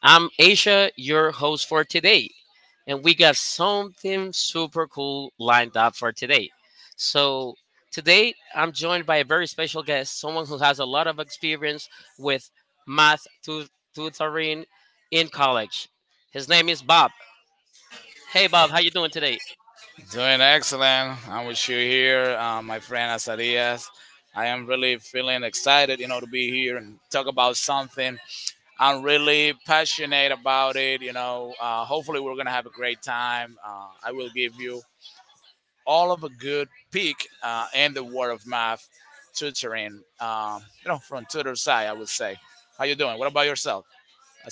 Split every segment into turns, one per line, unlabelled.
I'm Asia, your host for today, and we got something super cool lined up for today. So, today I'm joined by a very special guest, someone who has a lot of experience with math tu- tutoring in college. His name is Bob. Hey, Bob, how you doing today?
Excellent. And we're here, my friend Azarias. I am really feeling excited, to be here and talk about something. I'm really passionate about it. Hopefully, we're going to have a great time. I will give you all of a good peek in the world of math tutoring, from tutor side, I would say. How you doing? What about yourself,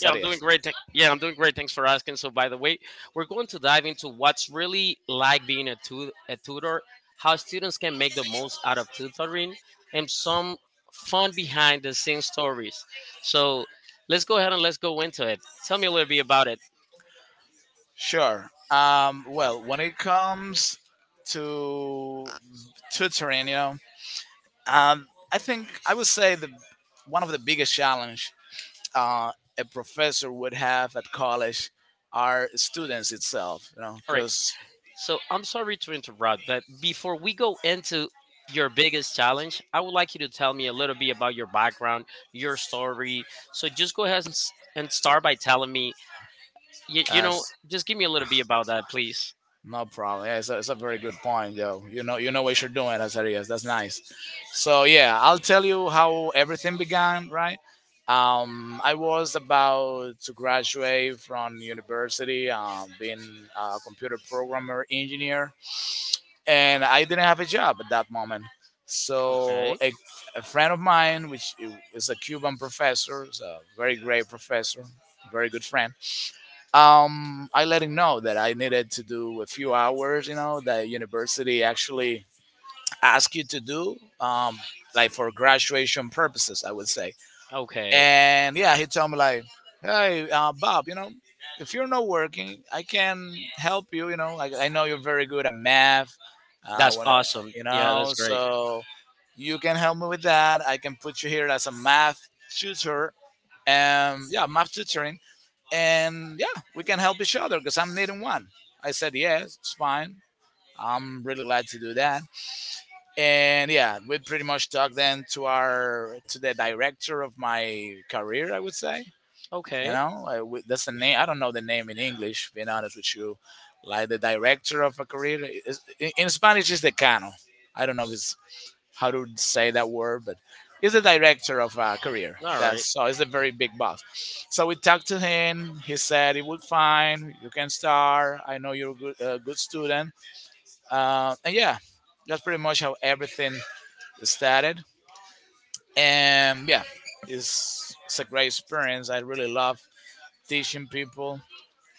Yeah, I'm doing great. Yeah, I'm doing great. Thanks for asking. So, by the way, we're going to dive into what's really like being a tutor, how students can make the most out of tutoring, and some fun behind the scenes stories. So, let's go ahead and let's go into it. Tell me a little bit about it.
Sure. Well, when it comes to tutoring, Um, I think I would say the one of the biggest challenge uh, a professor would have at college are students itself. You know,
All right.
because
So, I'm sorry to interrupt, but before we go into your biggest challenge, I would like you to tell me a little bit about your background, your story. So, just go ahead and start by telling me you know, just give me a little bit about that, please.
no problem. Yeah, it's a very good point, yo. You know what you're doing, Azarias. That's nice. So yeah, I'll tell you how everything began, right? I was about to graduate from university, being a computer programmer engineer, and I didn't have a job at that moment. So
Okay.
a friend of mine, which is a Cuban professor, is a very great professor, very good friend, I let him know that I needed to do a few hours, that university actually asked you to do, like for graduation purposes, I would say.
Okay.
And yeah, he told me like, hey, Bob, if you're not working, I can help you. You know, like I know you're very good at math.
That's
When I want to,
awesome. Yeah, that's great.
so you can help me with that. I can put you here as a math tutor. And yeah, math tutoring, and yeah, we can help each other because I'm needing one. I said, yes, it's fine. I'm really glad to do that. And yeah, we pretty much talked then to our to the director of my career, I would say. You
Okay.
know, that's the name. I don't know the name in English. Being honest with you, like the director of a career is, in Spanish, is decano. I don't know if it's how to say that word, but he's the director of career.
All right.
That's, so he's a very big boss. So we talked to him. He said it would fine. You can start. I know you're a good student. And yeah, that's pretty much how everything started. And yeah, it's a great experience. I really love teaching people.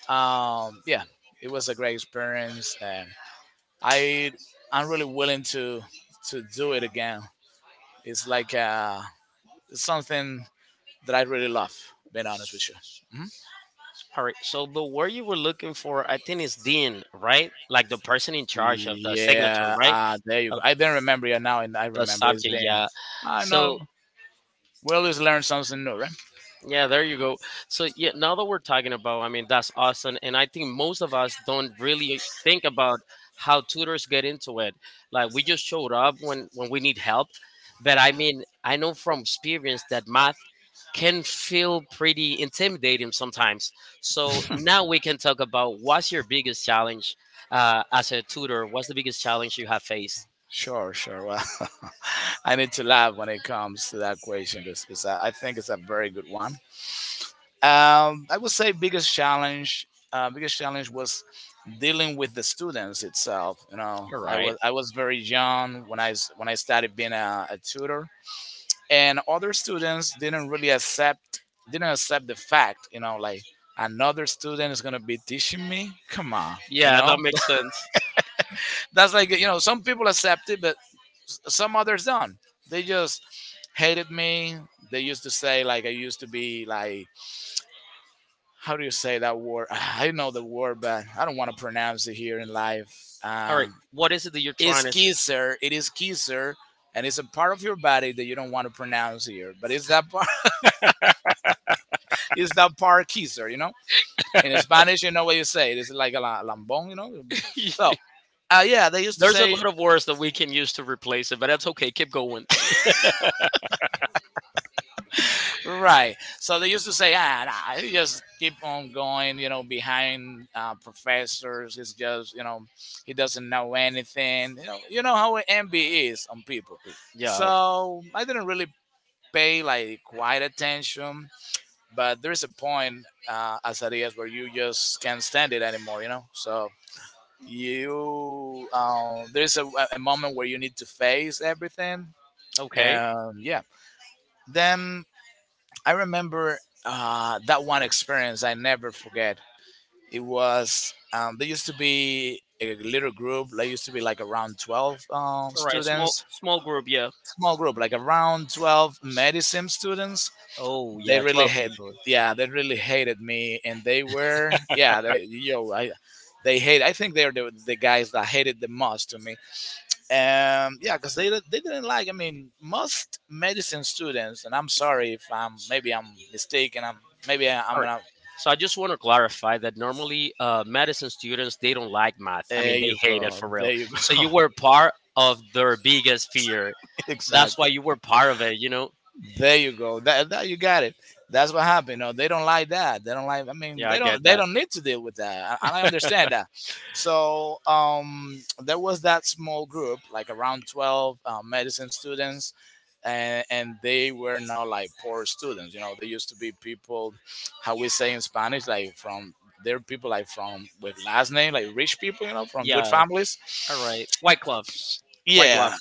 Yeah, it was a great experience, and I I'm really willing to do it again. It's like, something that I really love. Being honest with you. Mhm.
All right. So the word you were looking for, I think, is dean, right? Like the person in charge of the signature,
Yeah,
right?
there you go.
Of
I didn't remember it now, and I
the
remember it's
subject.
then.
Yeah.
I know.
So
We always learn something new, right?
yeah, there you go. So yeah, now that we're talking about, I mean, that's awesome, and I think most of us don't really think about how tutors get into it. Like we just showed up when we need help, but I mean, I know from experience that math can feel pretty intimidating sometimes. So now we can talk about what's your biggest challenge as a tutor. What's the biggest challenge you have faced?
Sure, sure. Well, I need to laugh when it comes to that question because I think it's a very good one. I would say biggest challenge was dealing with the students itself. You know,
All
I was
right.
I was very young when I started being a tutor. And other students didn't really accept didn't accept the fact, you know, like another student is going to be teaching me. Come on, you
Yeah,
know,
that makes sense.
that's like, some people accept it, but some others don't. They just hated me. They used to say, like, I used to be like, how do you say that word? I know the word, but I don't want to pronounce it here in life
All right.
um
What is it that you're trying
It's
to say?
kisser. It is kisser. And it's a part of your body that you don't want to pronounce here, but it's that part. It's that part, kisser. In Spanish, you know what you say. It's like a lambón. So, yeah, they used to
There's a
say,
lot of words that we can use to replace it, but that's okay. Keep going.
right. So they used to say, ah, nah, you just keep on going, behind professors. It's just, he doesn't know anything. You know how envy is on people.
Yeah.
So I didn't really pay like quite attention, but there is a point, as it is, where you just can't stand it anymore. So, you there's a moment where you need to face everything.
Okay.
And yeah, then I remember, that one experience I never forget. It was, there used to be a little group. There used to be like around 12,
All right.
students.
Small group. Yeah.
Small group, like around 12 medicine students.
Oh,
They
yeah,
really
12
hate
people.
yeah they really hated me. And they were, yeah, they, yo, I, they hate. I think they're the guys that hated the most to me. Um yeah, because they didn't like, I mean, most medicine students, and I'm sorry if I'm, maybe I'm mistaken, I'm, maybe I'm
All right.
gonna,
So I just want to clarify that normally medicine students, they don't like math. I
there
mean, they
you
hate it
go,
for real.
there you
So
go.
you were part of their biggest fear. That's why
Exactly.
you were part of it, you know?
There you go. That you got it. That's what happened. No, they don't like that. They don't like. I mean,
Yeah, I
they don't.
get
They
that.
don't need to deal with that. And I understand that. So, there was that small group, like around 12 medicine students, and they were not like poor students. You know, they used to be people, how we say in Spanish, like from. They're people like from with last name, like rich people, you know, from good
Yeah,
families.
all right. White glove, white glove.
Yeah,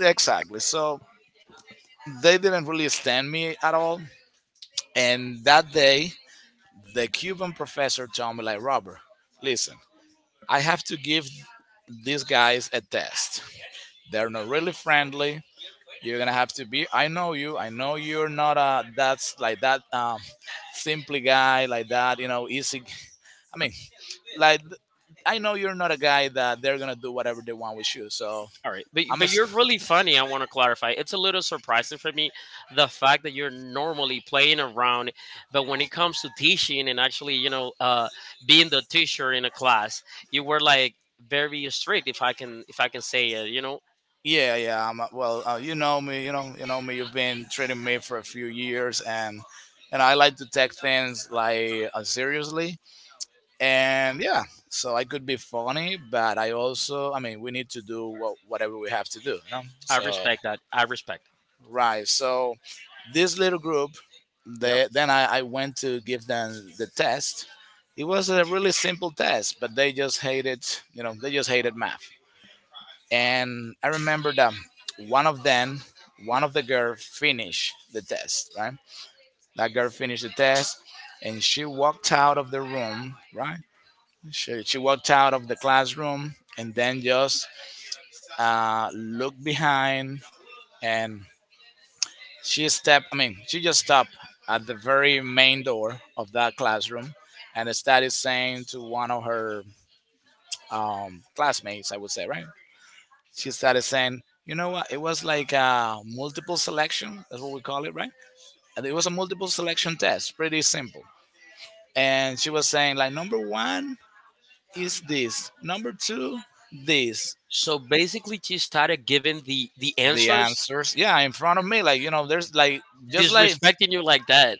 exactly. So they didn't really stand me at all. And that day, the Cuban professor told me, like, Robert, listen, I have to give these guys a test. They're not really friendly. You're gonna have to be. I know you. I know you're not a that's like that, simply guy like that. You know, easy. I mean, like, I know you're not a guy that they're gonna do whatever they want with you. So
All right,
I'm a,
but you're really funny. I want to clarify. It's a little surprising for me the fact that you're normally playing around, but when it comes to teaching and actually, you know, being the teacher in a class, you were like very strict. If I can say it, you know,
yeah, yeah. Well, you know me. You know me. You've been treating me for a few years, and I like to take things like, seriously. And yeah, so I could be funny, but I also, I mean, we need to do whatever we have to do, you know?
I
So
respect that. I respect.
right, so this little group,
Yep.
then I went to give them the test. It was a really simple test, but they just hated math. And I remember that one of them one of the girls, finished the test, right? That girl finished the test, and she walked out of the room. Right, she walked out of the classroom, and then just, looked behind, and she stepped, I mean, she just stopped at the very main door of that classroom, and started saying to one of her, classmates, I would say, right? She started saying, you know what? It was like a multiple selection. That's what we call it, right? And it was a multiple selection test, pretty simple. And she was saying, like, number one is this, number two, this,
So basically, she started giving the
the
answers,
answers, yeah, in front of me, like, you know, there's like, just like,
disrespecting you like that.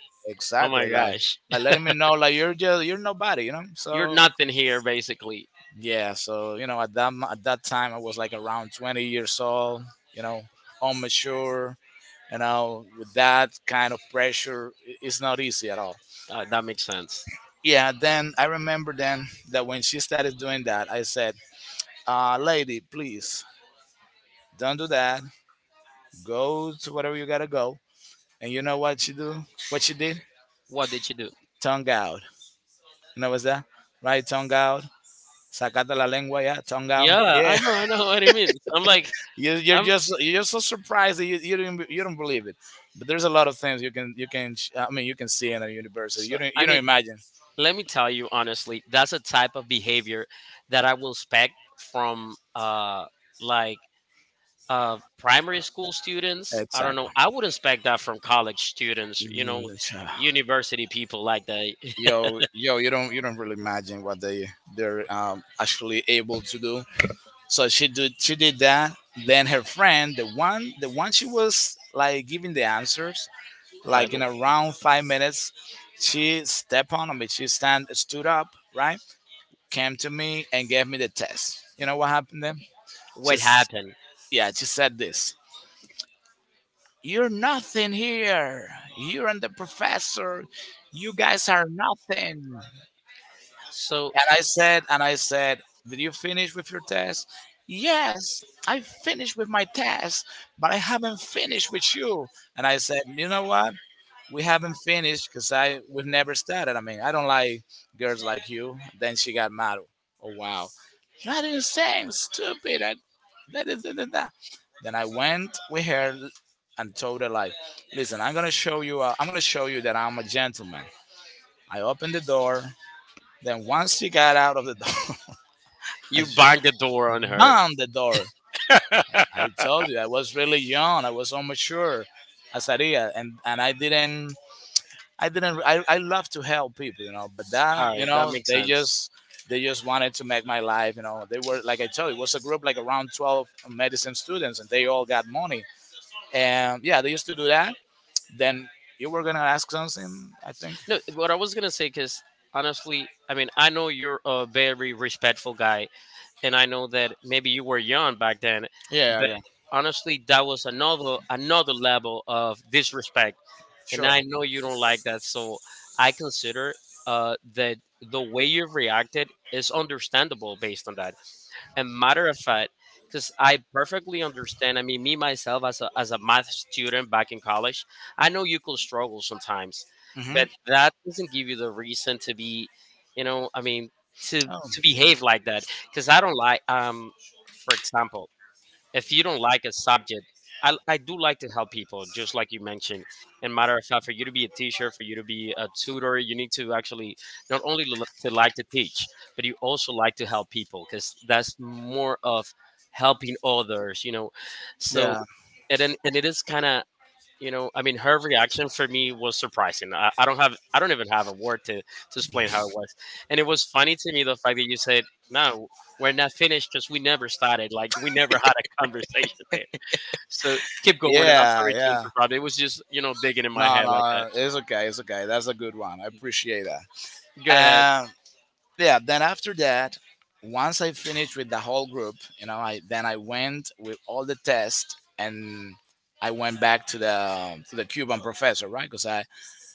Oh my
exactly, like
gosh.
like letting me know, like, you're nobody, you know.
You're
So
nothing here, basically.
yeah, so at that time, I was like around 20 years old, you know, immature, you know, with that kind of pressure. It's not easy at all.
That makes sense.
Yeah, then I remember, then, that when she started doing that, I said, lady, please, don't do that. Go to whatever you gotta go. And you know what she did?
What did you do?
Tongue out. You know what's that? Right, tongue out. Sacata la lengua, yeah, tongue out.
Yeah,
Yeah,
I know what it means. I'm like,
you, you're
I'm.
just you're just so surprised that you don't believe it. But there's a lot of things you can, I mean, you can see in a universe that
So,
you don't
I
you don't
mean,
imagine.
let me tell you honestly, that's a type of behavior that I will expect from like primary school students. I don't know.
Exactly.
I would expect that from college students. You
Mm,
know,
that's right.
university people like that.
Yo, yo, you don't really imagine what they're, actually able to do. So she did that. Then her friend, the one she was like giving the answers,
All right,
like in around 5 minutes, she stepped on me. She stand stood up, right? Came to me and gave me the test. You know what happened then?
what
She's
happened?
yeah, she said this. You're nothing here. You're, and the professor. You guys are nothing.
So
And I said, did you finish with your test? Yes, I finished with my test, but I haven't finished with you. And I said, you know what? We haven't finished because I we've never started. I mean, I don't like girls like you. Then she got mad. Oh wow, you're not even stupid. That is that. Then I went with her and told her like, listen, I'm gonna show you. I'm gonna show you that I'm a gentleman. I opened the door. Then once she got out of the door, I
you banged the door on her.
slammed the door.
All
I told you I was really young. I was so mature, Azaria, and I didn't. I love to help people, you know. But that, you
right, that
know,
makes
they
sense.
just they just wanted to make my life, you know. They were like I told you, it was a group like around twelve medicine students, and they all got money. And yeah, they used to do that. Then you were gonna ask something, I think.
No, what I was gonna say, because honestly, I mean, I know you're a very respectful guy, and I know that maybe you were young back then,
Yeah,
but
yeah,
honestly, that was another level of disrespect, and
sure.
I know you don't like that. So I consider that the way you've reacted is understandable based on that. And matter of fact, because I perfectly understand. I mean, me myself as a math student back in college, I know you could struggle sometimes,
Hmm.
but that doesn't give you the reason to be, you know, I mean,
Oh.
to behave like that. Because I don't like for example, if you don't like a subject I do like to help people just like you mentioned, and matter of fact, for you to be a teacher, for you to be a tutor, you need to actually not only to like to teach, but you also like to help people because that's more of helping others, you know. So
Yeah.
and then, and it is kind of, you know, I mean, her reaction for me was surprising. I don't have, I don't even have a word to explain how it was. And it was funny to me the fact that you said no, we're not finished because we never started, like we never had a conversation there. So keep going, and I'm
Yeah,
sorry to
yeah.
interrupt. It was just, you know, digging in my
No,
head like that.
no, it's okay, it's okay. That's a good one. I appreciate that.
Go ahead.
Um, yeah. Then after that, once I finished with the whole group, you know, I then I went with all the tests and I went back to the Cuban professor, right? Because I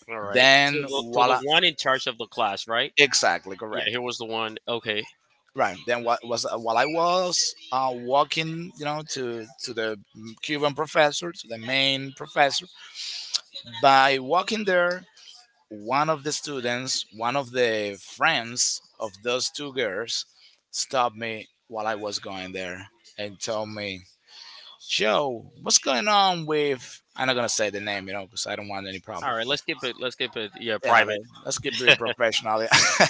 All right, so
then
so the
voila,
one in charge of the class, right?
exactly
Yeah,
correct.
here was the one. Okay.
Right. Then what was while I was walking, you know, to the Cuban professor, to the main professor. By walking there, one of the students, one of the friends of those two girls, stopped me while I was going there and told me, "Joe, what's going on with?" I'm not gonna say the name, you know, because I don't want any problem.
All right, let's keep it, yeah,
Yeah, like,
private.
let's get very professional.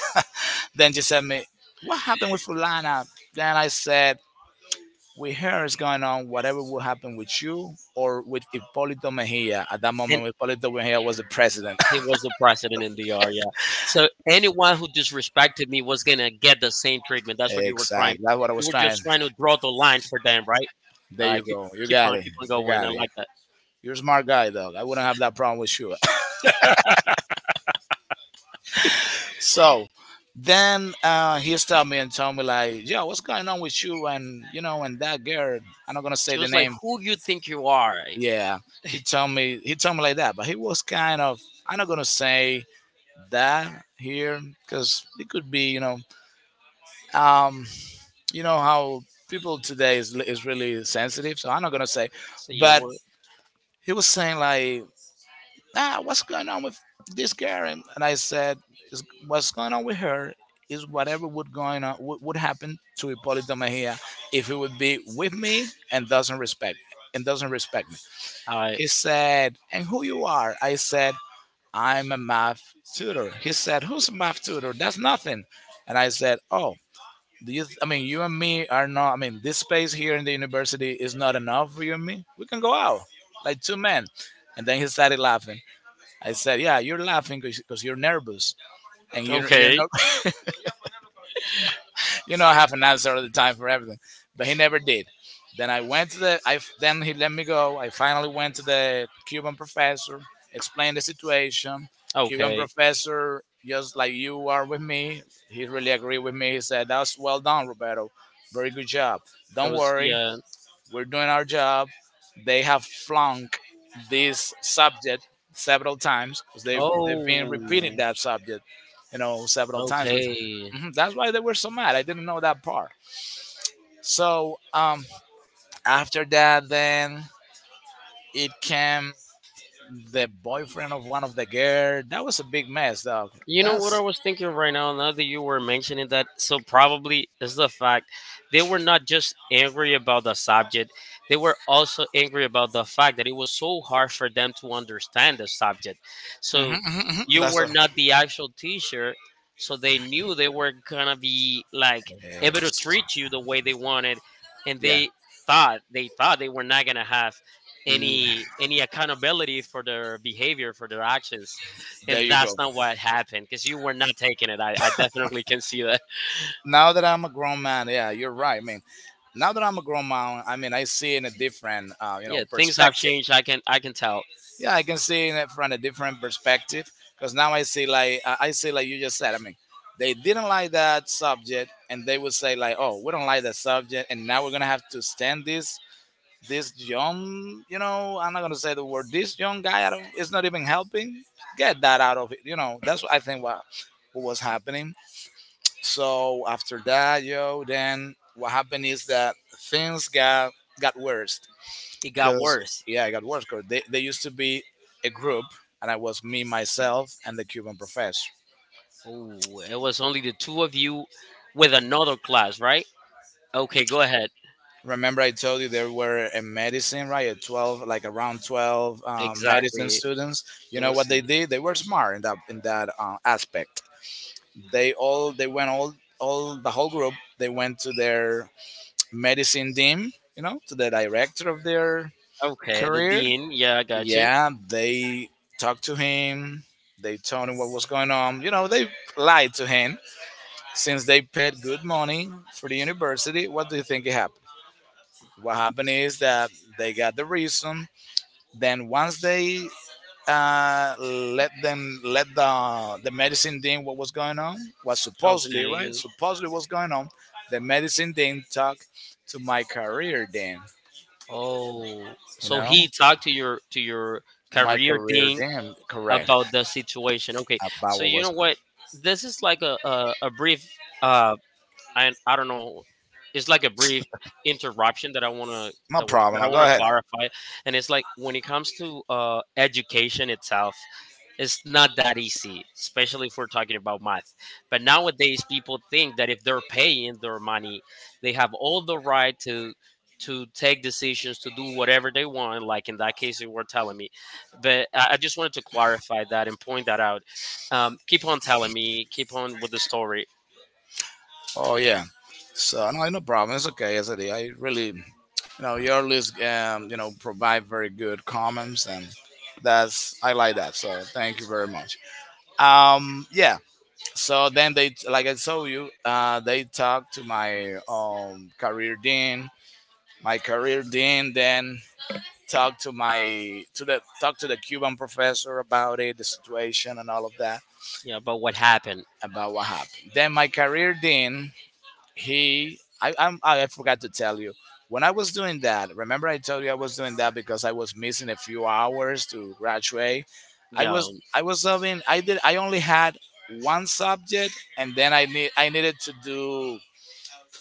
Then she said me, "What happened with Fulana?" Then I said, with her is going on whatever will happen with you or with Hipólito Mejia. At that
And
moment, Hipólito Mejia was the president.
he was the president in DR, yeah. So anyone who disrespected me was gonna get the same treatment. That's what you were trying.
Exactly. That's what I
You
was
were
trying.
just trying to draw the line for them, right?
There
Uh,
you
keep,
go. You
Keep
got
on,
it.
keep on
You
going. I
got it.
like that.
You're a smart guy, dog. I wouldn't have that problem with you. So then he stopped me and told me like, "Yo, what's going on with you and you know and that girl? I'm not gonna say
She
the
was like,
name.
"Who you think you are?"
Yeah, he told me like that, but he was kind of I'm not gonna say that here because it could be um you know how people today is really sensitive so I'm not gonna say
So you
but
were,
he was saying like ah what's going on with this girl and I said "Is- what's going on with her is whatever would going on would happen to Hippolyto Mejia if he would be with me and doesn't respect and doesn't respect me.
I
He said, "And who you are?" I said, I'm a math tutor. He said, Who's a math tutor? That's nothing. And I said, Oh, do you, I mean, you and me are not, I mean, this space here in the university is not enough for you and me. We can go out like two men. And then he started laughing. I said, Yeah, you're laughing because you're nervous and you're
okay,
not you know, I have an answer all the time for everything. But he never did. Then I went to the. I then he let me go. I finally went to the Cuban professor, explained the situation. Cuban
okay.
professor, just like you are with me, he really agreed with me. He said, "That's well done, Roberto. Very good job.
It
Don't
was
worry.
yeah.
We're doing our job. They have flunked this subject several times because they've,
Oh,
they've been repeating that subject, you know, several times. Because
okay.
that's why they were so mad. I didn't know that part. So after that, then it came the boyfriend of one of the girl. That was a big mess, dog.
You know what
That's
I was thinking right now, now that you were mentioning that, so probably is the fact they were not just angry about the subject, they were also angry about the fact that it was so hard for them to understand the subject. So you
that's a
were not the actual teacher, so they knew they were gonna be like able to
yes.
treat you the way they wanted, and
Yeah.
they thought they were not gonna have
Mm.
any accountability for their behavior, for their actions, and
There you
that's
go.
not what happened because you were not taking it. I definitely can see that.
Now that I'm a grown man, yeah, you're right. I mean, now that I'm a grown man, I mean, I see in a different, you know,
Yeah, things have
perspective.
changed. I can tell.
Yeah, I can see in it from a different perspective because now I see like I see like you just said. I mean, they didn't like that subject, and they would say like, "Oh, we don't like that subject," and now we're gonna have to stand this young, you know, I'm not gonna say the word this young guy. I don't. It's not even helping. Get that out of it. You know, that's what I think. What was happening. So after that, yo, then what happened is that things got worse
It got
because
worse.
yeah, it got worse 'cause they used to be a group, and I was me myself and the Cuban professor.
Oh, it was only the two of you with another class, right? Okay, go ahead.
Remember, I told you there were a medicine, right? Like around twelve medicine
Exactly.
students.
It
You know
was
what they
the
did? They were smart in that aspect. They went all the whole group. They went to their medicine dean, you know, to the director of their
okay. The
career,
dean. Yeah, I got you.
Yeah, they talked to him. They told him what was going on. You know, they lied to him since they paid good money for the university. What do you think happened? What happened is that they got the reason. Then once they let them let the medicine dean what was going on, what supposedly right,
Okay.
supposedly what's going on, the medicine dean talked to my career dean.
Oh,
You
so
know,
he talked to your
to my
career
career
dean
dean, correct
about the situation. Okay,
about
so
what
you
was
know what? This is like a brief uh, I don't know. It's like a brief interruption that I wanna
no problem.
that I
Now, go
wanna
ahead.
clarify, and it's like when it comes to education itself, it's not that easy, especially if we're talking about math. But nowadays, people think that if they're paying their money, they have all the right to take decisions to do whatever they want. Like in that case, you were telling me, but I just wanted to clarify that and point that out. Keep on telling me, keep on with the story,
Oh yeah. So no, no problem. It's okay. As I did, I really, you know, your list, you know, provide very good comments, and that's I like that. So thank you very much. Yeah. So then they, like I told you, they talked to my career dean. My career dean then talked to my to the talked to the Cuban professor about it, the situation, and all of that
yeah, about what happened.
about what happened. Then my career dean he I forgot to tell you when I was doing that remember I told you I was doing that because I was missing a few hours to graduate i
Yeah.
was I was having I did I only had one subject and then I needed to do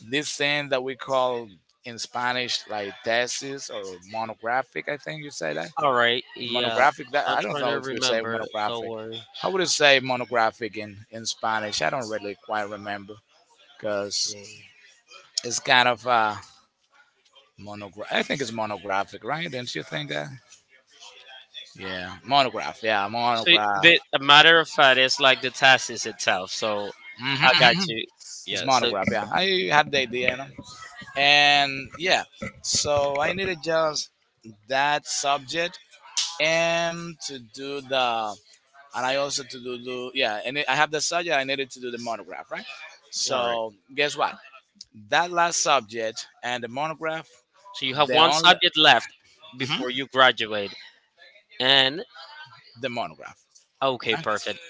this thing that we call in Spanish like thesis or monographic I think you say that
All right. Yeah.
monographic that
I'm
I don't
trying
know
to
if you say
remember. Don't
monographic
worry.
how would you say monographic in Spanish I don't really quite remember because
Yeah.
it's kind of Monograph. I think it's monographic, right? Didn't you think that? Yeah, monograph. Yeah,
So,
monograph.
but a matter of fact, it's like the task is itself. So, I got
Hmm.
you.
It's
Yeah. So,
monograph. Yeah, I had the idea, you know. And yeah, so I needed just that subject and to do the, and I also to do do yeah, and I have the subject. I needed to do the monograph, right?
all right.
So guess what? That last subject and the monograph,
So you have
the
one
only
subject left
mhm,
before you graduate, and
the monograph.
okay, perfect.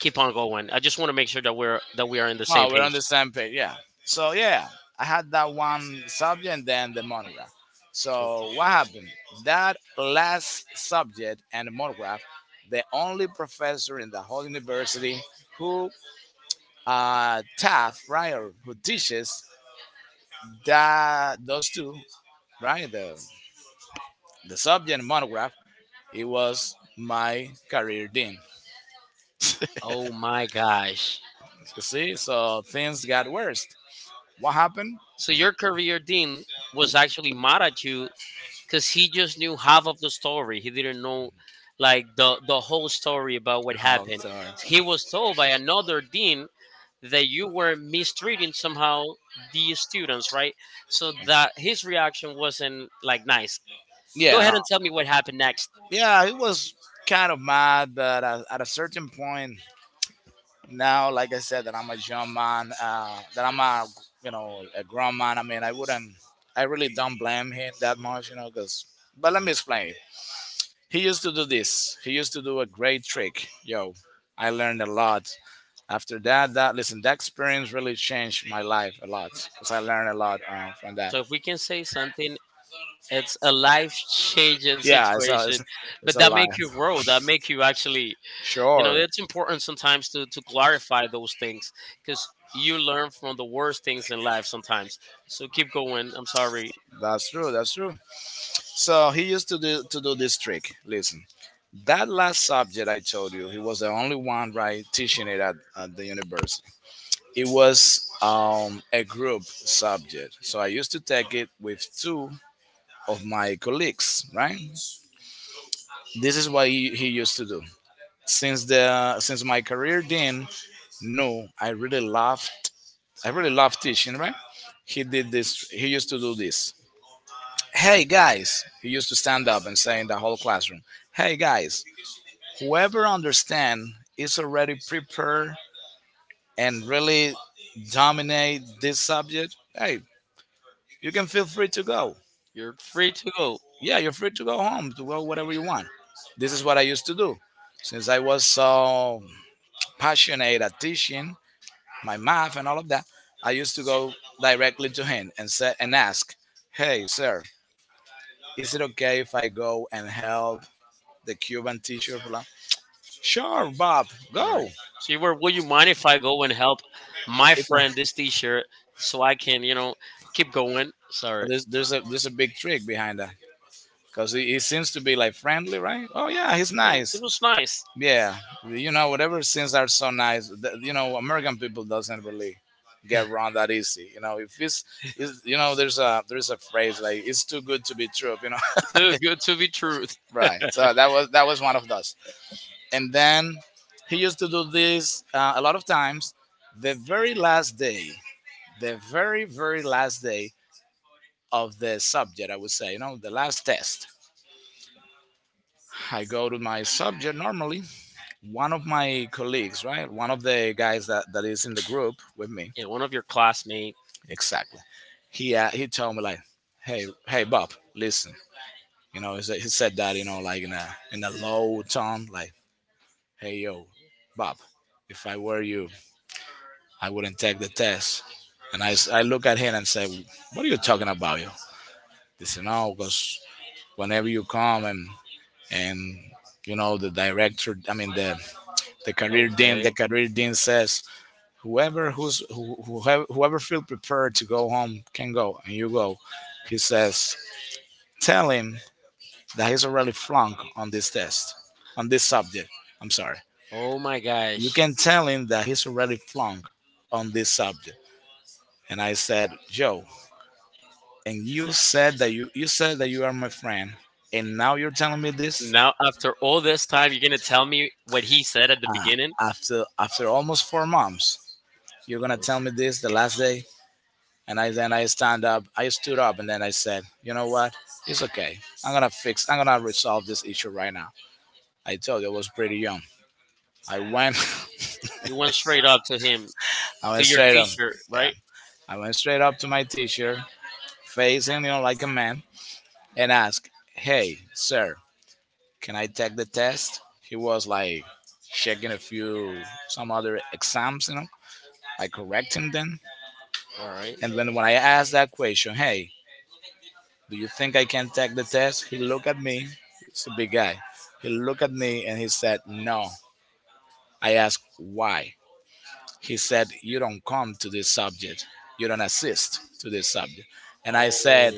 Keep on going. I just want to make sure that we're that we are in the same
Oh, we're on
page.
the same page. Yeah. So yeah, I had that one subject and then the monograph.
Okay.
So what happened? That last subject and the monograph, the only professor in the whole university who Taft Ryer who teaches that those two, right? The subject and monograph, it was my career dean.
Oh my gosh.
You see, so things got worse. What happened?
So your career dean was actually mad at you because he just knew half of the story. He didn't know like the whole story about what
Oh
happened.
sorry.
He was told by another dean that you were mistreating somehow the students, right? So that his reaction wasn't like nice. Go
Yeah,
ahead
no.
and tell me what happened next.
Yeah, it was kind of mad, but at a certain point now, like I said, that I'm a young man, that I'm a you know a grown man. I mean, I wouldn't, I really don't blame him that much, you know, because. But let me explain. He used to do this. He used to do a great trick. Yo, I learned a lot. After that, that listen, that experience really changed my life a lot because I learned a lot from that.
So if we can say something, it's a life changing
Yeah,
situation,
it's
but
a
that
life.
make you grow. That make you actually, you know,
Sure,
it's important sometimes to clarify those things because you learn from the worst things in life sometimes. So keep going, I'm sorry.
that's true. That's true. So he used to do this trick. Listen, that last subject I told you, he was the only one right teaching it at the university. It was a group subject. So I used to take it with two of my colleagues, right? This is what he used to do. Since my career then, no, I really loved teaching, right? He used to do this. Hey guys, he used to stand up and say in the whole classroom, Hey guys, whoever understand is already prepared and really dominate this subject, hey, you can feel free to go.
You're free to go.
Yeah, you're free to go home to go whatever you want. This is what I used to do. Since I was so passionate at teaching my math and all of that, I used to go directly to him and say and ask, "Hey, sir, is it okay if I go and help the Cuban teacher?" blah?" Sure, Bob,
All
go.
right, so you were, would you mind if I go and help my
It's
friend this t-shirt so I can, you know, keep going, sorry.
there's there's a big trick behind that because he seems to be like friendly, right? Oh yeah, he's
It
nice.
was nice.
Yeah, you know, whatever scenes are so nice, you know, American people doesn't really get wrong that easy. You know, if it's, it's, you know, there's a phrase like it's too good to be true, you know.
Too good to be truth.
Right, so that was one of those. And then he used to do this a lot of times. The very last day, the very very last day of the subject, I would say, you know, the last test, I go to my subject normally. One of my colleagues, right, one of the guys that is in the group with me.
Yeah, one of your classmates.
Exactly. He told me like, hey Bob, listen. You know, he said that, you know, like in a low tone, like, hey yo, Bob, if I were you, I wouldn't take the test. And I look at him and say, what are you talking about, yo? He said, no, because whenever you come and you know the director, I mean the career dean,
Okay.
the career dean says, whoever who's who, whoever whoever feel prepared to go home can go, and you go. He says, tell him that he's already flunk on this test, on this subject. I'm sorry.
Oh my
You
gosh.
can tell him that he's already flunk on this subject. And I said, Joe, and you said that you said that you are my friend, and now you're telling me this?
Now, after all this time, you're gonna tell me what he said at the
Ah,
beginning?
after almost 4 months, you're gonna tell
That
me this the last day, and I then I stand up, I stood up, and then I said, you know what? It's okay. I'm gonna fix. I'm gonna resolve this issue right now. I told you I was pretty young. I went,
you went straight up to him,
I
to
went
your
straight up.
teacher,
Yeah,
right?
I went straight up to my teacher, facing, you know, like a man, and asked, "Hey, sir, can I take the test?" He was like checking a few some other exams, you know, like correcting them.
All right.
And when I asked that question, "Hey, do you think I can take the test?" He looked at me. It's a big guy. He looked at me and he said, "No." I asked why. He said, you don't come to this subject,
Oh.
you don't assist to this subject. And I
All
said,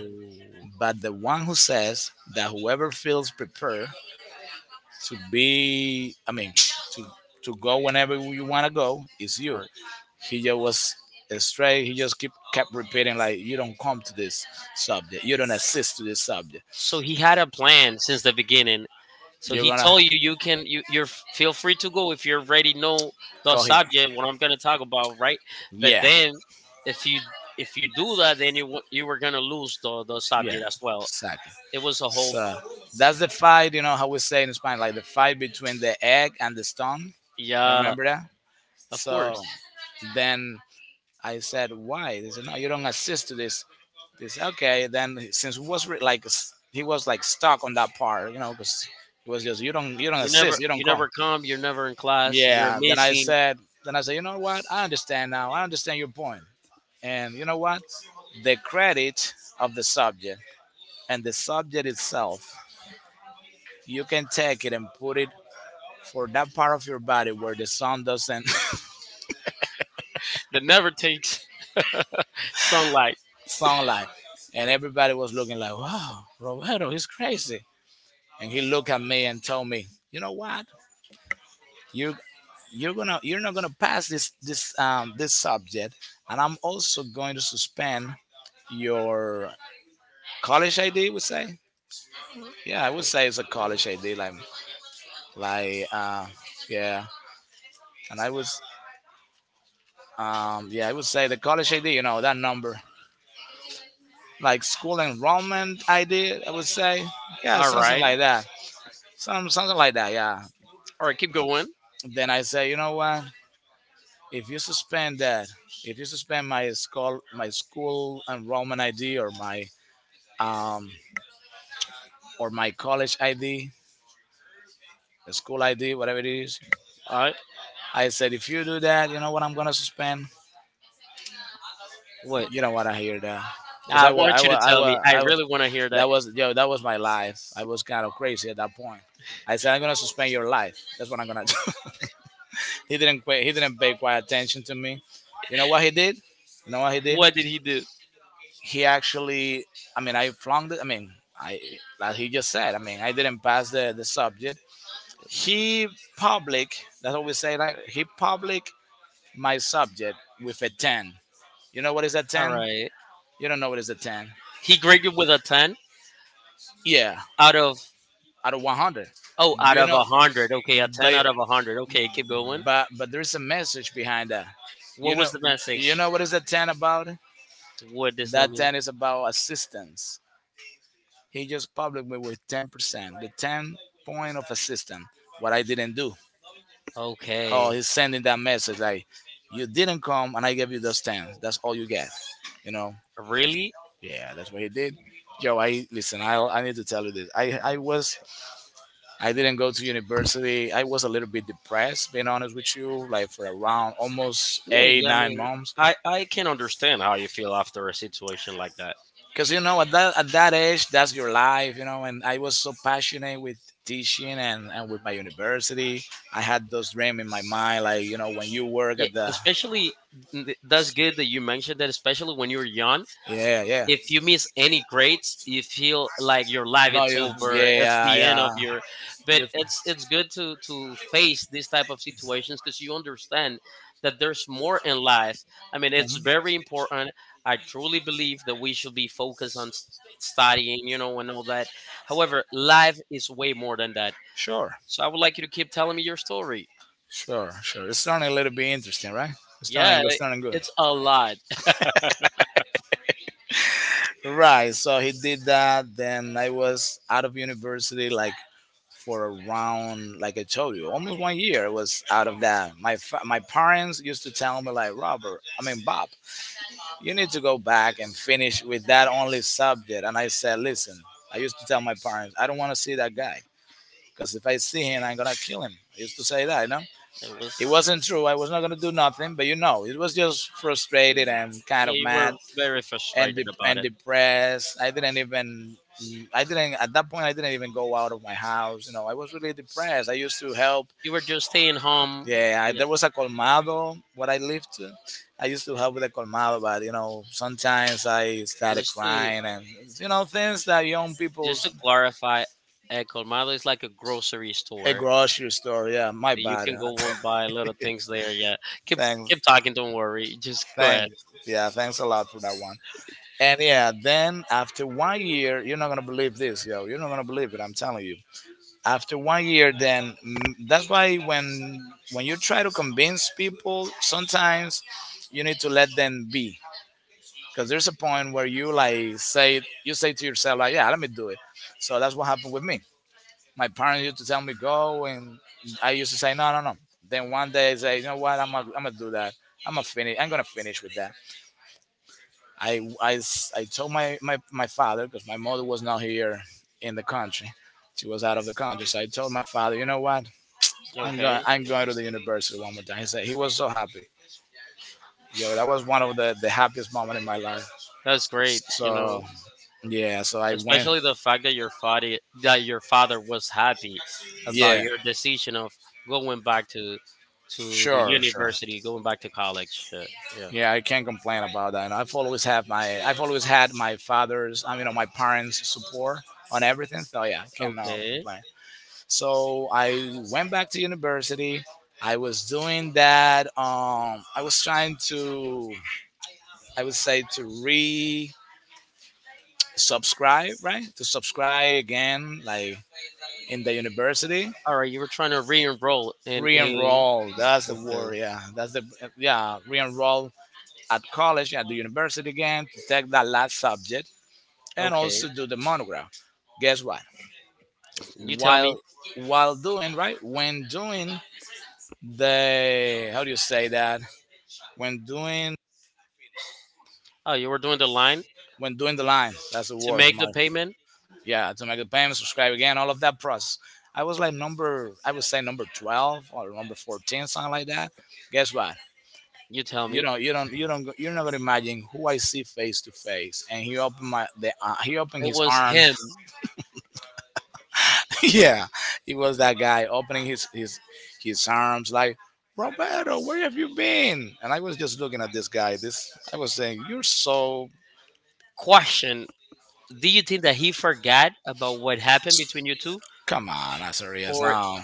but the one who says that whoever feels prepared I mean, to, to go whenever you want to go is you.
right.
He just was straight. He just keep kept repeating like, you don't come to this subject. You don't assist to this subject.
So he had a plan since the beginning. So
You're
he
gonna
told you you can you're feel free to go if you already know the
go here."
subject what I'm gonna talk about, right? But
Yeah.
then if you if you do that, then you you were gonna lose the
Yeah,
subject as well.
exactly.
It was a whole
So that's the fight, you know, how we say in Spanish, like the fight between the egg and the stone. You
yeah,
remember that?
of
So
course.
then I said, why? They said, no, you don't assist to this. This okay? Then since it was he was like stuck on that part, you know, because it was just you don't assist, you don't
You
come.
never come. You're never in class. You're
Yeah. Then I
missing.
said, you know what? I understand now. I understand your point. And you know what? The credit of the subject and the subject itself, you can take it and put it for that part of your body where the sun doesn't
That never takes sunlight.
sunlight. And everybody was looking like, wow, Roberto, he's crazy. And he looked at me and told me, you know what? You you're gonna you're not gonna pass this this subject, and I'm also going to suspend your college ID, would say. Yeah, I would say it's a college ID like like uh yeah. And I was yeah, I would say the college ID, you know, that number, like school enrollment I did, I would say. Yeah,
All
something
right.
like that. Some something like that, yeah.
All right. Keep going.
Then I say, you know what? If you suspend that, if you suspend my school enrollment ID, um or my college ID, the school ID, whatever it is,
All right.
I said if you do that, you know what I'm gonna suspend.
What?
You don't wanna hear that. Cause
I
I was, I
want you to
was, I
tell me.
was,
I
I was,
really want to hear that.
that was, yo, that was my life. I was kind of crazy at that point. I said, I'm gonna suspend your life. That's what I'm gonna do. He didn't pay quite attention to me. You know what he did? You know what he did?
What did he do?
He actually, I mean, I flunked it. I mean, I, like he just said. I mean, I didn't pass the subject. He public. That's what we say. Like he public my subject with a ten. You know what is a
All
ten?
right.
You don't know what is a ten?
He graded with a 10
Yeah,
out of,
out of 100.
oh, out
You
of
know,
a 100. Okay, a
but
10 out of a 100. Okay, keep going.
but there's a message behind that.
What
You know,
was the
you
message?
know what is a ten about?
What does that
That
mean?
10 is about assistance. He just public me with 10%, the 10 point of assistance, what I didn't do.
Okay.
How he's sending that message like, you didn't come and I gave you those 10. That's all you get. You know?
Really?
Yeah, that's what he did. Yo, I listen. I need to tell you this. I was, I didn't go to university. I was a little bit depressed, being honest with you. Like for around almost
Yeah,
eight
yeah, I
nine
mean,
months.
I can understand how you feel after a situation like that.
Because you know at that age that's your life, you know, and I was so passionate with teaching, and with my university. I had those dreams in my mind like, you know, when you work
Yeah,
at the,
especially that's good that you mentioned that. Especially when you're young,
yeah, yeah.
if you miss any grades, you feel like your life
No,
it's
you,
over. It's the end
yeah,
of your. But
yeah,
it's good to face these type of situations because you understand that
you.
there's more in life. I mean,
Mhm.
it's very important. I truly believe that we should be focused on studying, you know, and all that. However, life is way more than that.
Sure,
So I would like you to keep telling me your story.
sure. It's starting a little bit interesting, right? It's
Yeah,
starting good, starting good.
it's a lot.
Right, so he did that. Then I was out of university like for around, like I told you, almost 1 year I was out of that. My parents used to tell me like, Robert, I mean Bob, you need to go back and finish with that only subject. And I said, listen, I used to tell my parents, I don't want to see that guy, because if I see him, I'm gonna kill him. I used to say that, you know.
It
It
was.
wasn't true. I was not gonna do nothing, but, you know, it was just frustrated and kind
Yeah,
of
you were
mad
very frustrated about
and
it.
depressed. I didn't even. I didn't at that point. I didn't even go out of my house. You know, I was really depressed. I used to help,
You were just staying home.
yeah, I,
Yeah,
there was a colmado where I lived. I used to help with the colmado, but, you know, sometimes I started
just to
crying and you know things that young
just
people's,
to clarify, El Colmado is like a grocery
a
store.
grocery store. Yeah, my
You
bad.
can go and buy little things there. Yeah, keep
Thanks,
keep talking. Don't worry. Just go ahead.
thanks. Yeah, thanks a lot for that one. And yeah, then after 1 year, you're not gonna believe this, yo. You're not gonna believe it. I'm telling you. After 1 year, then that's why when you try to convince people, sometimes you need to let them be, because there's a point where you like say, you say to yourself like, yeah, let me do it. So that's what happened with me. My parents used to tell me, go and I used to say, no, no, no. Then one day I say, you know what? I'm gonna do that. I'm gonna finish with that. I I told my father, because my mother was not here in the country, she was out of the country. So I told my father, you know what,
Okay,
I'm going to the university one more time. He said, he was so happy. Yo, that was one of the happiest moment in my life.
that's great. You
So
know,
yeah, so I went.
especially the fact that your father was happy about
Yeah.
your decision of going back to the
Sure. Sure.
university, going back to college. Yeah.
Yeah, I can't complain about that. And I've always had my father's, I mean, my parents' support on everything. So yeah, I cannot
Okay.
complain. So I went back to university. I was doing that. I was trying to, I would say to re subscribe, right? To subscribe again, like in the university.
All right, you were trying to re-enroll in a.
Re-enroll. That's the
Okay,
word. Yeah, that's the, yeah, re-enroll at college, at the university again, to take that last subject and
okay.
also do the monograph. Guess what?
You tell me.
While while doing, right, when doing the how do you say that when doing
Oh, you were doing the line
when doing the line, that's the
to
word,
make the
my,
payment.
yeah, to make the payment, subscribe again, all of that process. I was like number, I would say number 12 or number 14, something like that. Guess what?
You tell me.
You don't. You're not you're not gonna imagine who I see face to face, and he opened my the he opened
It
his
was
arms.
him.
Yeah, he was that guy opening his arms like, Roberto, where have you been? And I was just looking at this guy, this I was saying, you're so—
Question: do you think that he forgot about what happened between you two,
come on, Azarias.
or
Now,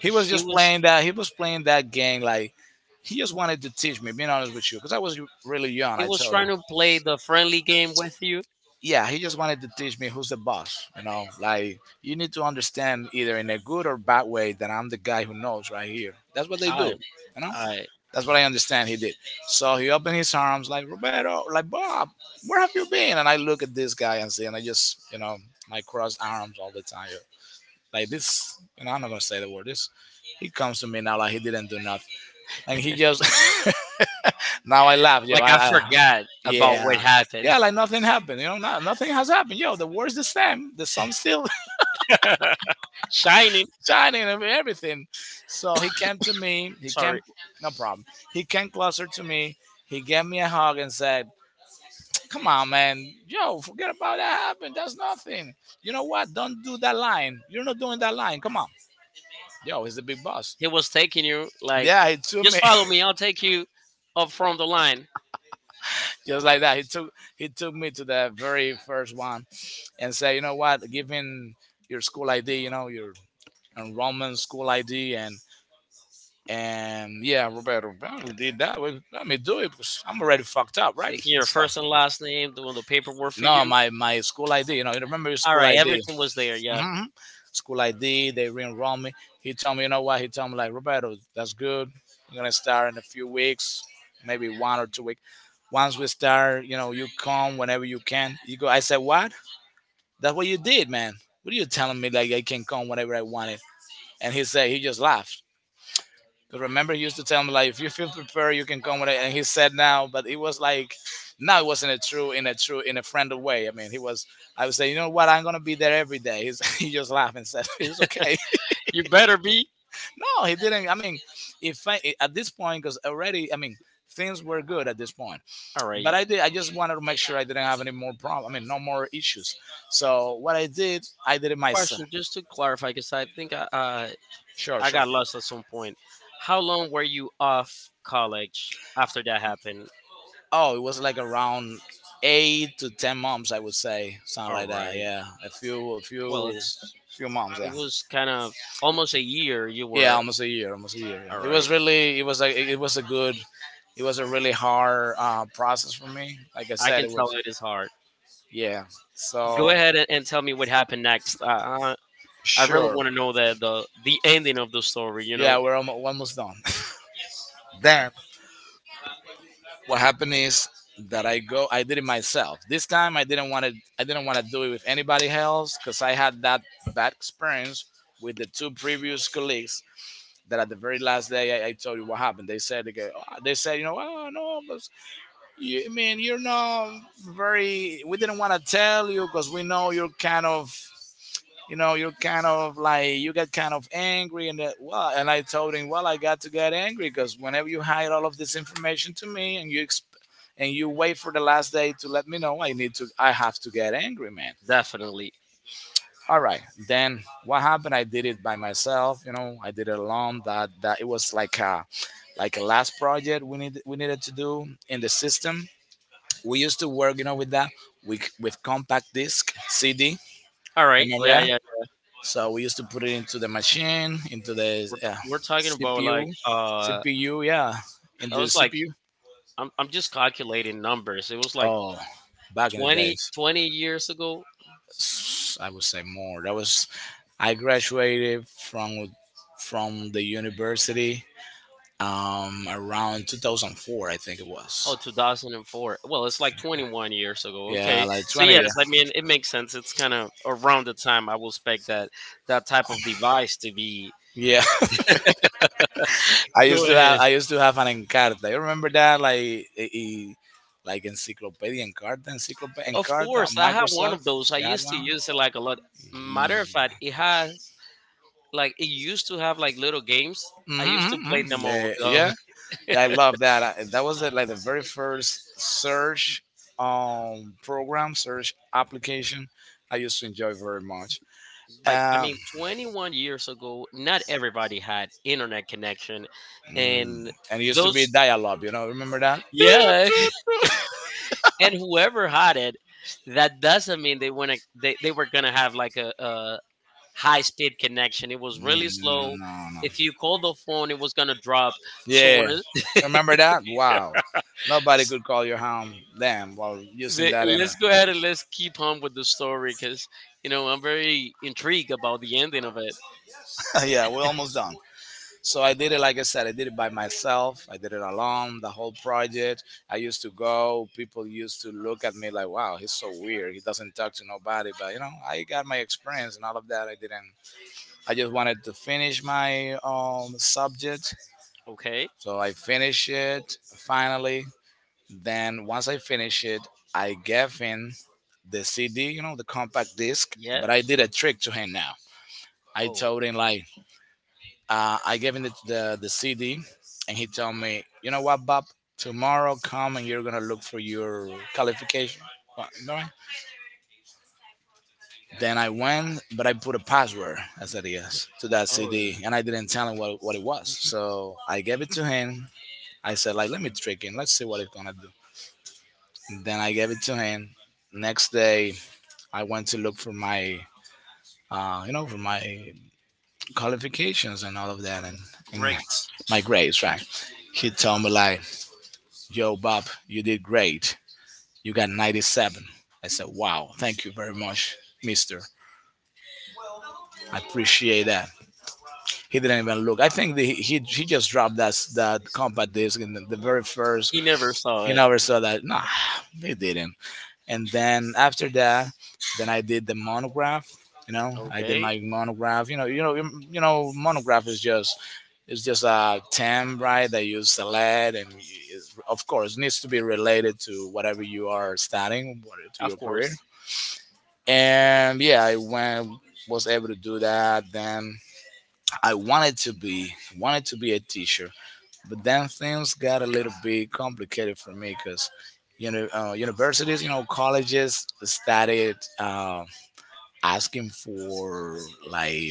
he was
he
just
was
playing that, he was playing that game. Like, he just wanted to teach me, being honest with you, because I was really young.
he
I
was
told
trying
him,
to play the friendly game with you?
yeah, he just wanted to teach me who's the boss. You know, like, you need to understand, either in a good or bad way, that I'm the guy who knows right here. That's what they do.
I,
You know,
I
that's what I understand he did. So he opened his arms like, Roberto, like, Bob, where have you been? And I look at this guy, and see, and I just, you know, my cross arms all the time. Like this, you know, I'm not gonna say the word. This, he comes to me now like he didn't do nothing, and he just— now I laugh. Yeah,
like I
I
forgot about what
yeah.
happened.
Yeah, like nothing happened. You know, nothing has happened. Yo, the war's the same. The sun's still
Shiny.
shining and everything. So he came to me. He
Sorry,
came— no problem. He came closer to me. He gave me a hug and said, come on, man. Yo, forget about that happened. That's nothing. You know what? Don't do that line. You're not doing that line. Come on. Yo, he's the big boss.
he was taking you like,
Yeah, he took
just
me.
follow me. I'll take you up from the line,
Just like that, he took me to the very first one, and said, "You know what? Give him your school ID. You know your— and Roman school ID, and yeah, Roberto, well, we did that. We— let me do it because I'm already fucked up, right?
taking your
So,
first and last name, doing the paperwork for
no,
you.
my school ID. You know, you remember your
All
school
right,
ID?
everything was there. Yeah,
Hmm. School ID. They re-enrolled me. He told me, you know what? He told me like, Roberto, that's good. We're gonna start in a few weeks, maybe 1 or 2 weeks. Once we start, you know, you come whenever you can. You go. I said, what? That's what you did, man. What are you telling me? Like, I can come whenever I wanted. And he said— he just laughed. 'Cause remember, he used to tell me like, if you feel prepared, you can come with it. And he said now, but it was like, now it wasn't a true— in a friendly way. I mean, he was. I would say, you know what? I'm gonna be there every day. He's— he just laughed and said, it's okay.
you better be.
No, he didn't. I mean, if I, at this point, because already, I mean, things were good at this point.
All right.
But I did. I just wanted to make sure I didn't have any more problem. I mean, no more issues. So what I did it myself.
Question, just to clarify, because I think
Sure,
I
sure.
got lost at some point. How long were you off college after that happened?
Oh, it was like around 8 to 10 months, I would say, something
All
like that.
right.
Yeah, a
Well,
few,
it's
few months.
it
Yeah,
was kind of almost a year you
yeah,
were.
almost a year, almost a year. Yeah.
All
It
right.
was really, it was like, it was a good, it was a really hard process for me. Like I
I
said,
can
it
tell
was,
it is hard.
yeah.
Go
So
ahead and tell me what happened next. I really
sure,
want to know the ending of the story. You
yeah,
know,
we're almost, almost done. Then what happened is that I go, I did it myself. This time I didn't want to, I didn't want to do it with anybody else because I had that bad experience with the two previous colleagues, that at the very last day I told you what happened. They said they said, you know, no, but you, I mean, you're not very— we didn't want to tell you because we know you're kind of, you know, you're kind of like, you get kind of angry, and that. Well, and I told him, well, I got to get angry because whenever you hide all of this information to me and you and you wait for the last day to let me know, I need to— I have to get angry, man.
definitely.
All right, then what happened, I did it by myself, you know, I did it alone. That it was like a— like a last project we needed to do in the system we used to work, you know, with that, with compact disc, CD,
All right.
remember
Yeah,
that?
yeah.
So we used to put it into the machine, into the
We're, t- we're talking about like
CPU. CPU, yeah,
I
into the
was like
CPU.
I'm just calculating numbers. It was like
Oh, back in the
twenty
days.
twenty years ago.
s- I would say more. That was— I graduated from the university around 2004, I think it
Oh,
was.
2004. Well, it's like 21 years ago.
Yeah,
Okay.
like
So,
20 years.
yes, I mean, it makes sense. It's kind of around the time I will expect that that type of device to be.
Yeah,
Go ahead.
I used to have an Encarta. You remember that? Like like Encyclopedia Encarta, Encyclopedia
Of
Encarta,
course, I have one of
Microsoft.
those. I
You had
used to
one.
use it like a lot. Matter of fact, it has like it used to have like little games. I used
Mm-hmm,
to
mm-hmm,
play
mm-hmm.
them all
Yeah,
though.
yeah. Yeah, I love that. That was the, like the very first search program, search application I used to enjoy very much.
Like I
Um,
mean, 21 years ago, not everybody had internet connection,
mm,
and
and it used to
those
be dialogue, you know, remember that?
yeah, and whoever had it, that doesn't mean they wanna they were gonna have like a high speed connection. It was
Mm,
really
no,
slow.
no. No.
If you called the phone, it was gonna drop. So when
Yeah,
it,
remember that? Wow. Nobody could call your home then while using
the,
that in—
let's go ahead and let's keep on with the story because you know I'm very intrigued about the ending of it.
yeah, we're almost done. So I did it, like I said, I did it by myself. I did it alone, the whole project. I used to go, people used to look at me like, wow, he's so weird. He doesn't talk to nobody. But, you know, I got my experience and all of that. I didn't— I just wanted to finish my subject.
Okay.
So I finished it, finally. Then once I finished it, I gave him the CD, you know, the compact disc.
Yeah.
But I did a trick to him now. I
Oh.
told him like, I gave him the CD, and he told me, you know what, Bob, tomorrow come and you're gonna look for your qualification. Well, alright. Then I went, but I put a password. I said yes to that
Oh.
CD, and I didn't tell him what it was. So I gave it to him. I said like, let me trick him. Let's see what it's gonna do. And then I gave it to him. Next day, I went to look for my, you know, for my qualifications and all of that, and— and great.
Great.
My grades, right? He told me like, "Yo, Bob, you did great. You got 97." I said, "Wow, thank you very much, Mister. I appreciate that." He didn't even look. I think the, he just dropped that that compact disc in the very first.
He never saw
He
it.
never saw that. Nah, he didn't. And then after that, then I did the monograph. You know, I did
Okay.
my monograph. You know, you know monograph is just— it's just a term, right, that you select, and is, of course, needs to be related to whatever you are studying, to your
Of
career.
course.
And yeah, I went— was able to do that. Then I wanted to be— wanted to be a teacher. But then things got a little bit complicated for me because, you know, universities, you know, colleges started asking for like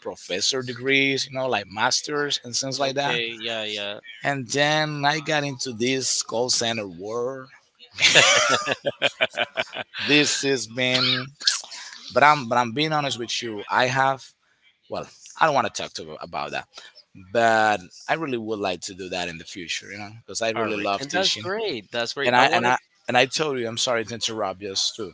professor degrees, you know, like masters and things like that.
Okay. Yeah. Yeah.
And then I got into this call center world. This has been— but I'm being honest with you. I have, well, I don't want to talk to about that, but I really would like to do that in the future, you know, because I
All
really
right.
love
And that's
teaching.
great. That's great.
and
I
I and
want to.
I and I told you, I'm sorry to interrupt, just to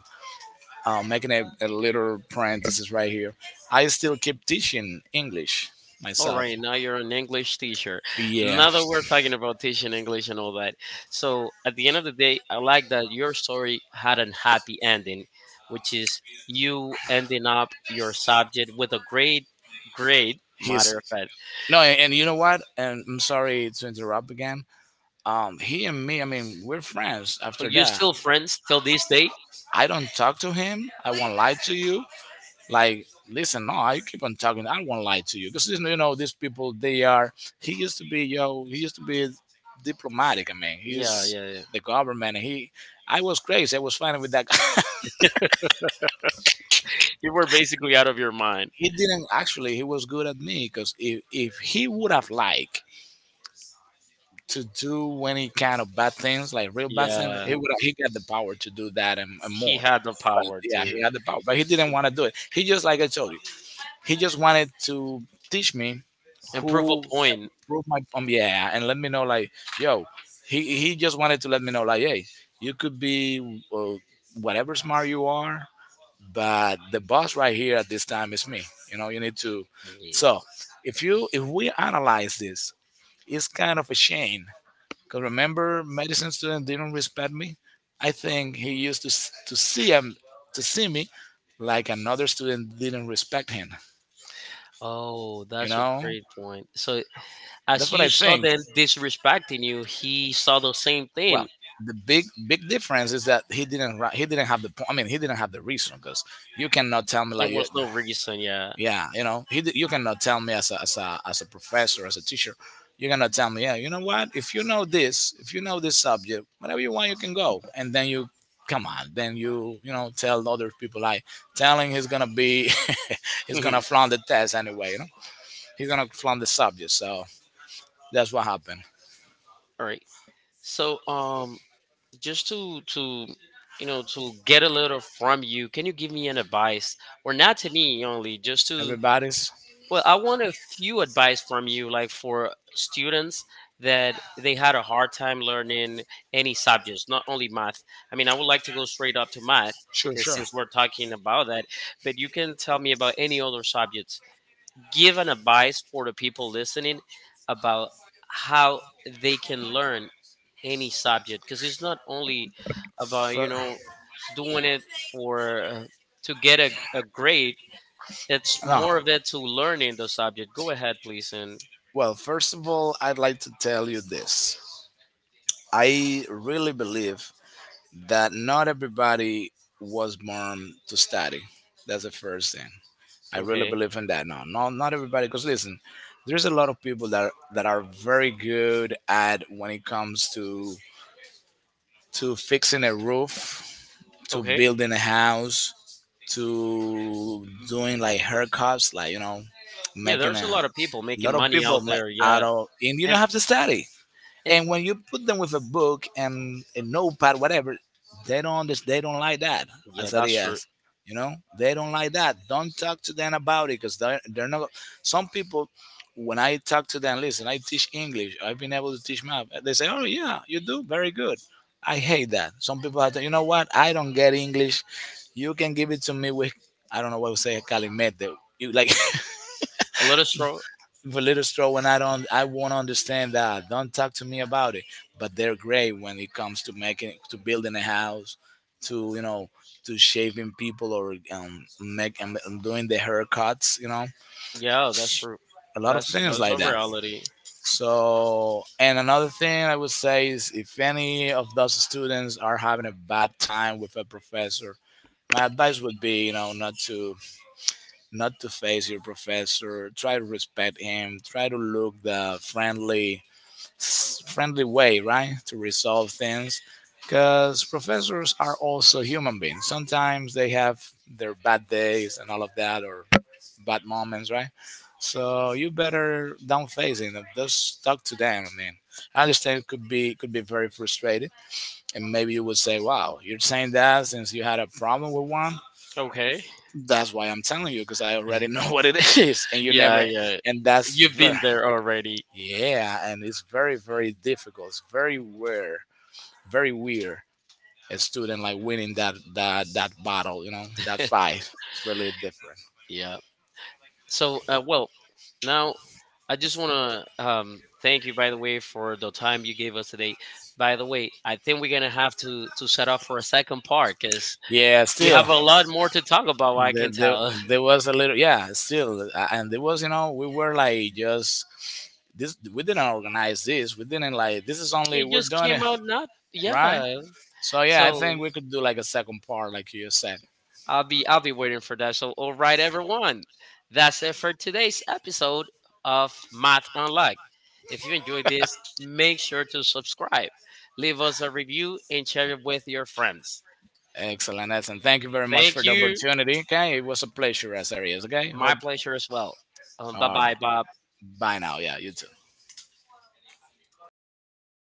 making a little parenthesis right here. I still keep teaching English
All
myself.
right. Now you're an English teacher.
Yeah,
Now that we're talking about teaching English and all that. So at the end of the day, I like that your story had an happy ending, which is you ending up your subject with a great grade.
he's—
Matter of fact.
no, and you know what? And I'm sorry to interrupt again. He and me, I mean, we're friends
Oh,
after
you
that.
still friends till this day?
I don't talk to him. I won't lie to you. Like, listen, no, you keep on talking. I won't lie to you because, you know, these people, they are— he used to be yo, he used to be diplomatic. I mean,
Yeah,
he's
yeah, yeah.
the government. He— I was crazy, I was fighting with that guy.
You were basically out of your mind.
He didn't actually— he was good at me, because if he would have liked to do any kind of bad things, like real bad things,
Yeah,
he would— he got the power to do that, and
he
more.
had the
But
power
yeah,
to
he had the power, but he didn't want to do it. He just, like I told you, he just wanted to teach me
improve a
who—
point.
prove my yeah, and let me know like, yo, he just wanted to let me know like, hey, you could be, whatever smart you are, but the boss right here at this time is me. You know, you need to.
Yeah.
So if you— if we analyze this, it's kind of a shame because, remember, medicine student didn't respect me. I think he used to to see him— to see me like another student didn't respect him.
Oh,
You
that's a
know,
great point. So,
that's
as
what
you
I
saw
think.
them disrespecting you, he saw the same
Well,
thing.
the big difference is that he didn't have the I mean he didn't have the reason. Because you cannot tell me
There
like
was no reason, yeah.
yeah, you cannot tell me as a, as a professor, as a teacher, you cannot tell me, yeah, what if you know this, if you know this subject, whatever you want you can go, and then you come on, then you know tell other people like telling he's gonna be he's gonna
All
flaunt the test anyway, you know, he's gonna flaunt the subject. So that's what happened.
right. So, just to to get a little from you, can you give me an advice, or not to me only, just to
Everybody's
well, I want a few advice from you, like for students that they had a hard time learning any subjects, not only math. I mean, I would like to go straight up to math
sure,
because
sure.
since we're talking about that, but you can tell me about any other subjects. Give an advice for the people listening about how they can learn any subject because it's not only about, you
Fair.
know, doing it for to get a grade it's
No.
more of it to learning the subject. Go ahead, please. And
Well, first of all, I'd like to tell you this. I really believe that not everybody was born to study. That's the first thing. I really
okay,
believe in that. No, no, not everybody. Because listen, there's a lot of people that are very good at when it comes to fixing a roof, to
okay.
building a house, to doing like haircuts, like, you know,
Yeah,
making a,
there's a lot of people making
lot of
money
people
out there.
out
Yeah,
of, and you don't
and
have to study.
and
And when you put them with a book and a notepad, whatever, they don't understand, they don't like that.
yeah, that's true.
Azarias, you know, they don't like that. Don't talk to them about it because they're not. Some people, when I talk to them, listen, I teach English. I've been able to teach math. They say, "Oh yeah, you do very good." I hate that. Some people have to, you know what? I don't get English. You can give it to me with, I don't know what we say, calimete. You like,
A lot of stro.
little straw, and I don't, I won't understand that. Don't talk to me about it. But they're great when it comes to making, to building a house, to, you know, to shaving people, or make, doing the haircuts. You know,
Yeah, that's true.
a lot of
That's
things
that's a
like that.
reality.
So, and another thing I would say is if any of those students are having a bad time with a professor, my advice would be, you know, not to not to face your professor. Try to respect him. Try to look the friendly friendly way, right, to resolve things. Because professors are also human beings. Sometimes they have their bad days and all of that, or bad moments, right? So you better don't face it. Just talk to them. I mean, I understand it could be very frustrating, and maybe you would say, "Wow, you're saying that since you had a problem with one."
Okay.
That's why I'm telling you, because I already know what it is, and you
Yeah,
never.
yeah.
And that's
You've
very
been there already.
yeah, and it's very, very difficult. It's very rare, very weird. A student like winning that battle, you know, that fight. It's really different.
Yeah. So, well, now I just want to thank you, by the way, for the time you gave us today. By the way, I think we're gonna have to set up for a second part because
Yeah,
we
still
have a lot more to talk about. I
there,
can
there,
tell.
there was a little. Yeah, still, and there was, you know, we were like just this. We didn't organize this. We didn't like this. Is only
It
we're
just
doing
came
it
out not.
right.
Yeah.
So yeah, I
So
think we could do like a second part, like you said.
I'll be waiting for that. So all right, everyone, that's it for today's episode of Math Unlocked. If you enjoyed this, make sure to subscribe, leave us a review, and share it with your friends.
Excellent, excellent. Thank you very much
Thank
for the
you.
opportunity. Okay, it was a pleasure, as always. Okay, hope.
My pleasure as well. Bye
All
bye,
right,
Bob.
bye now. Yeah, you too.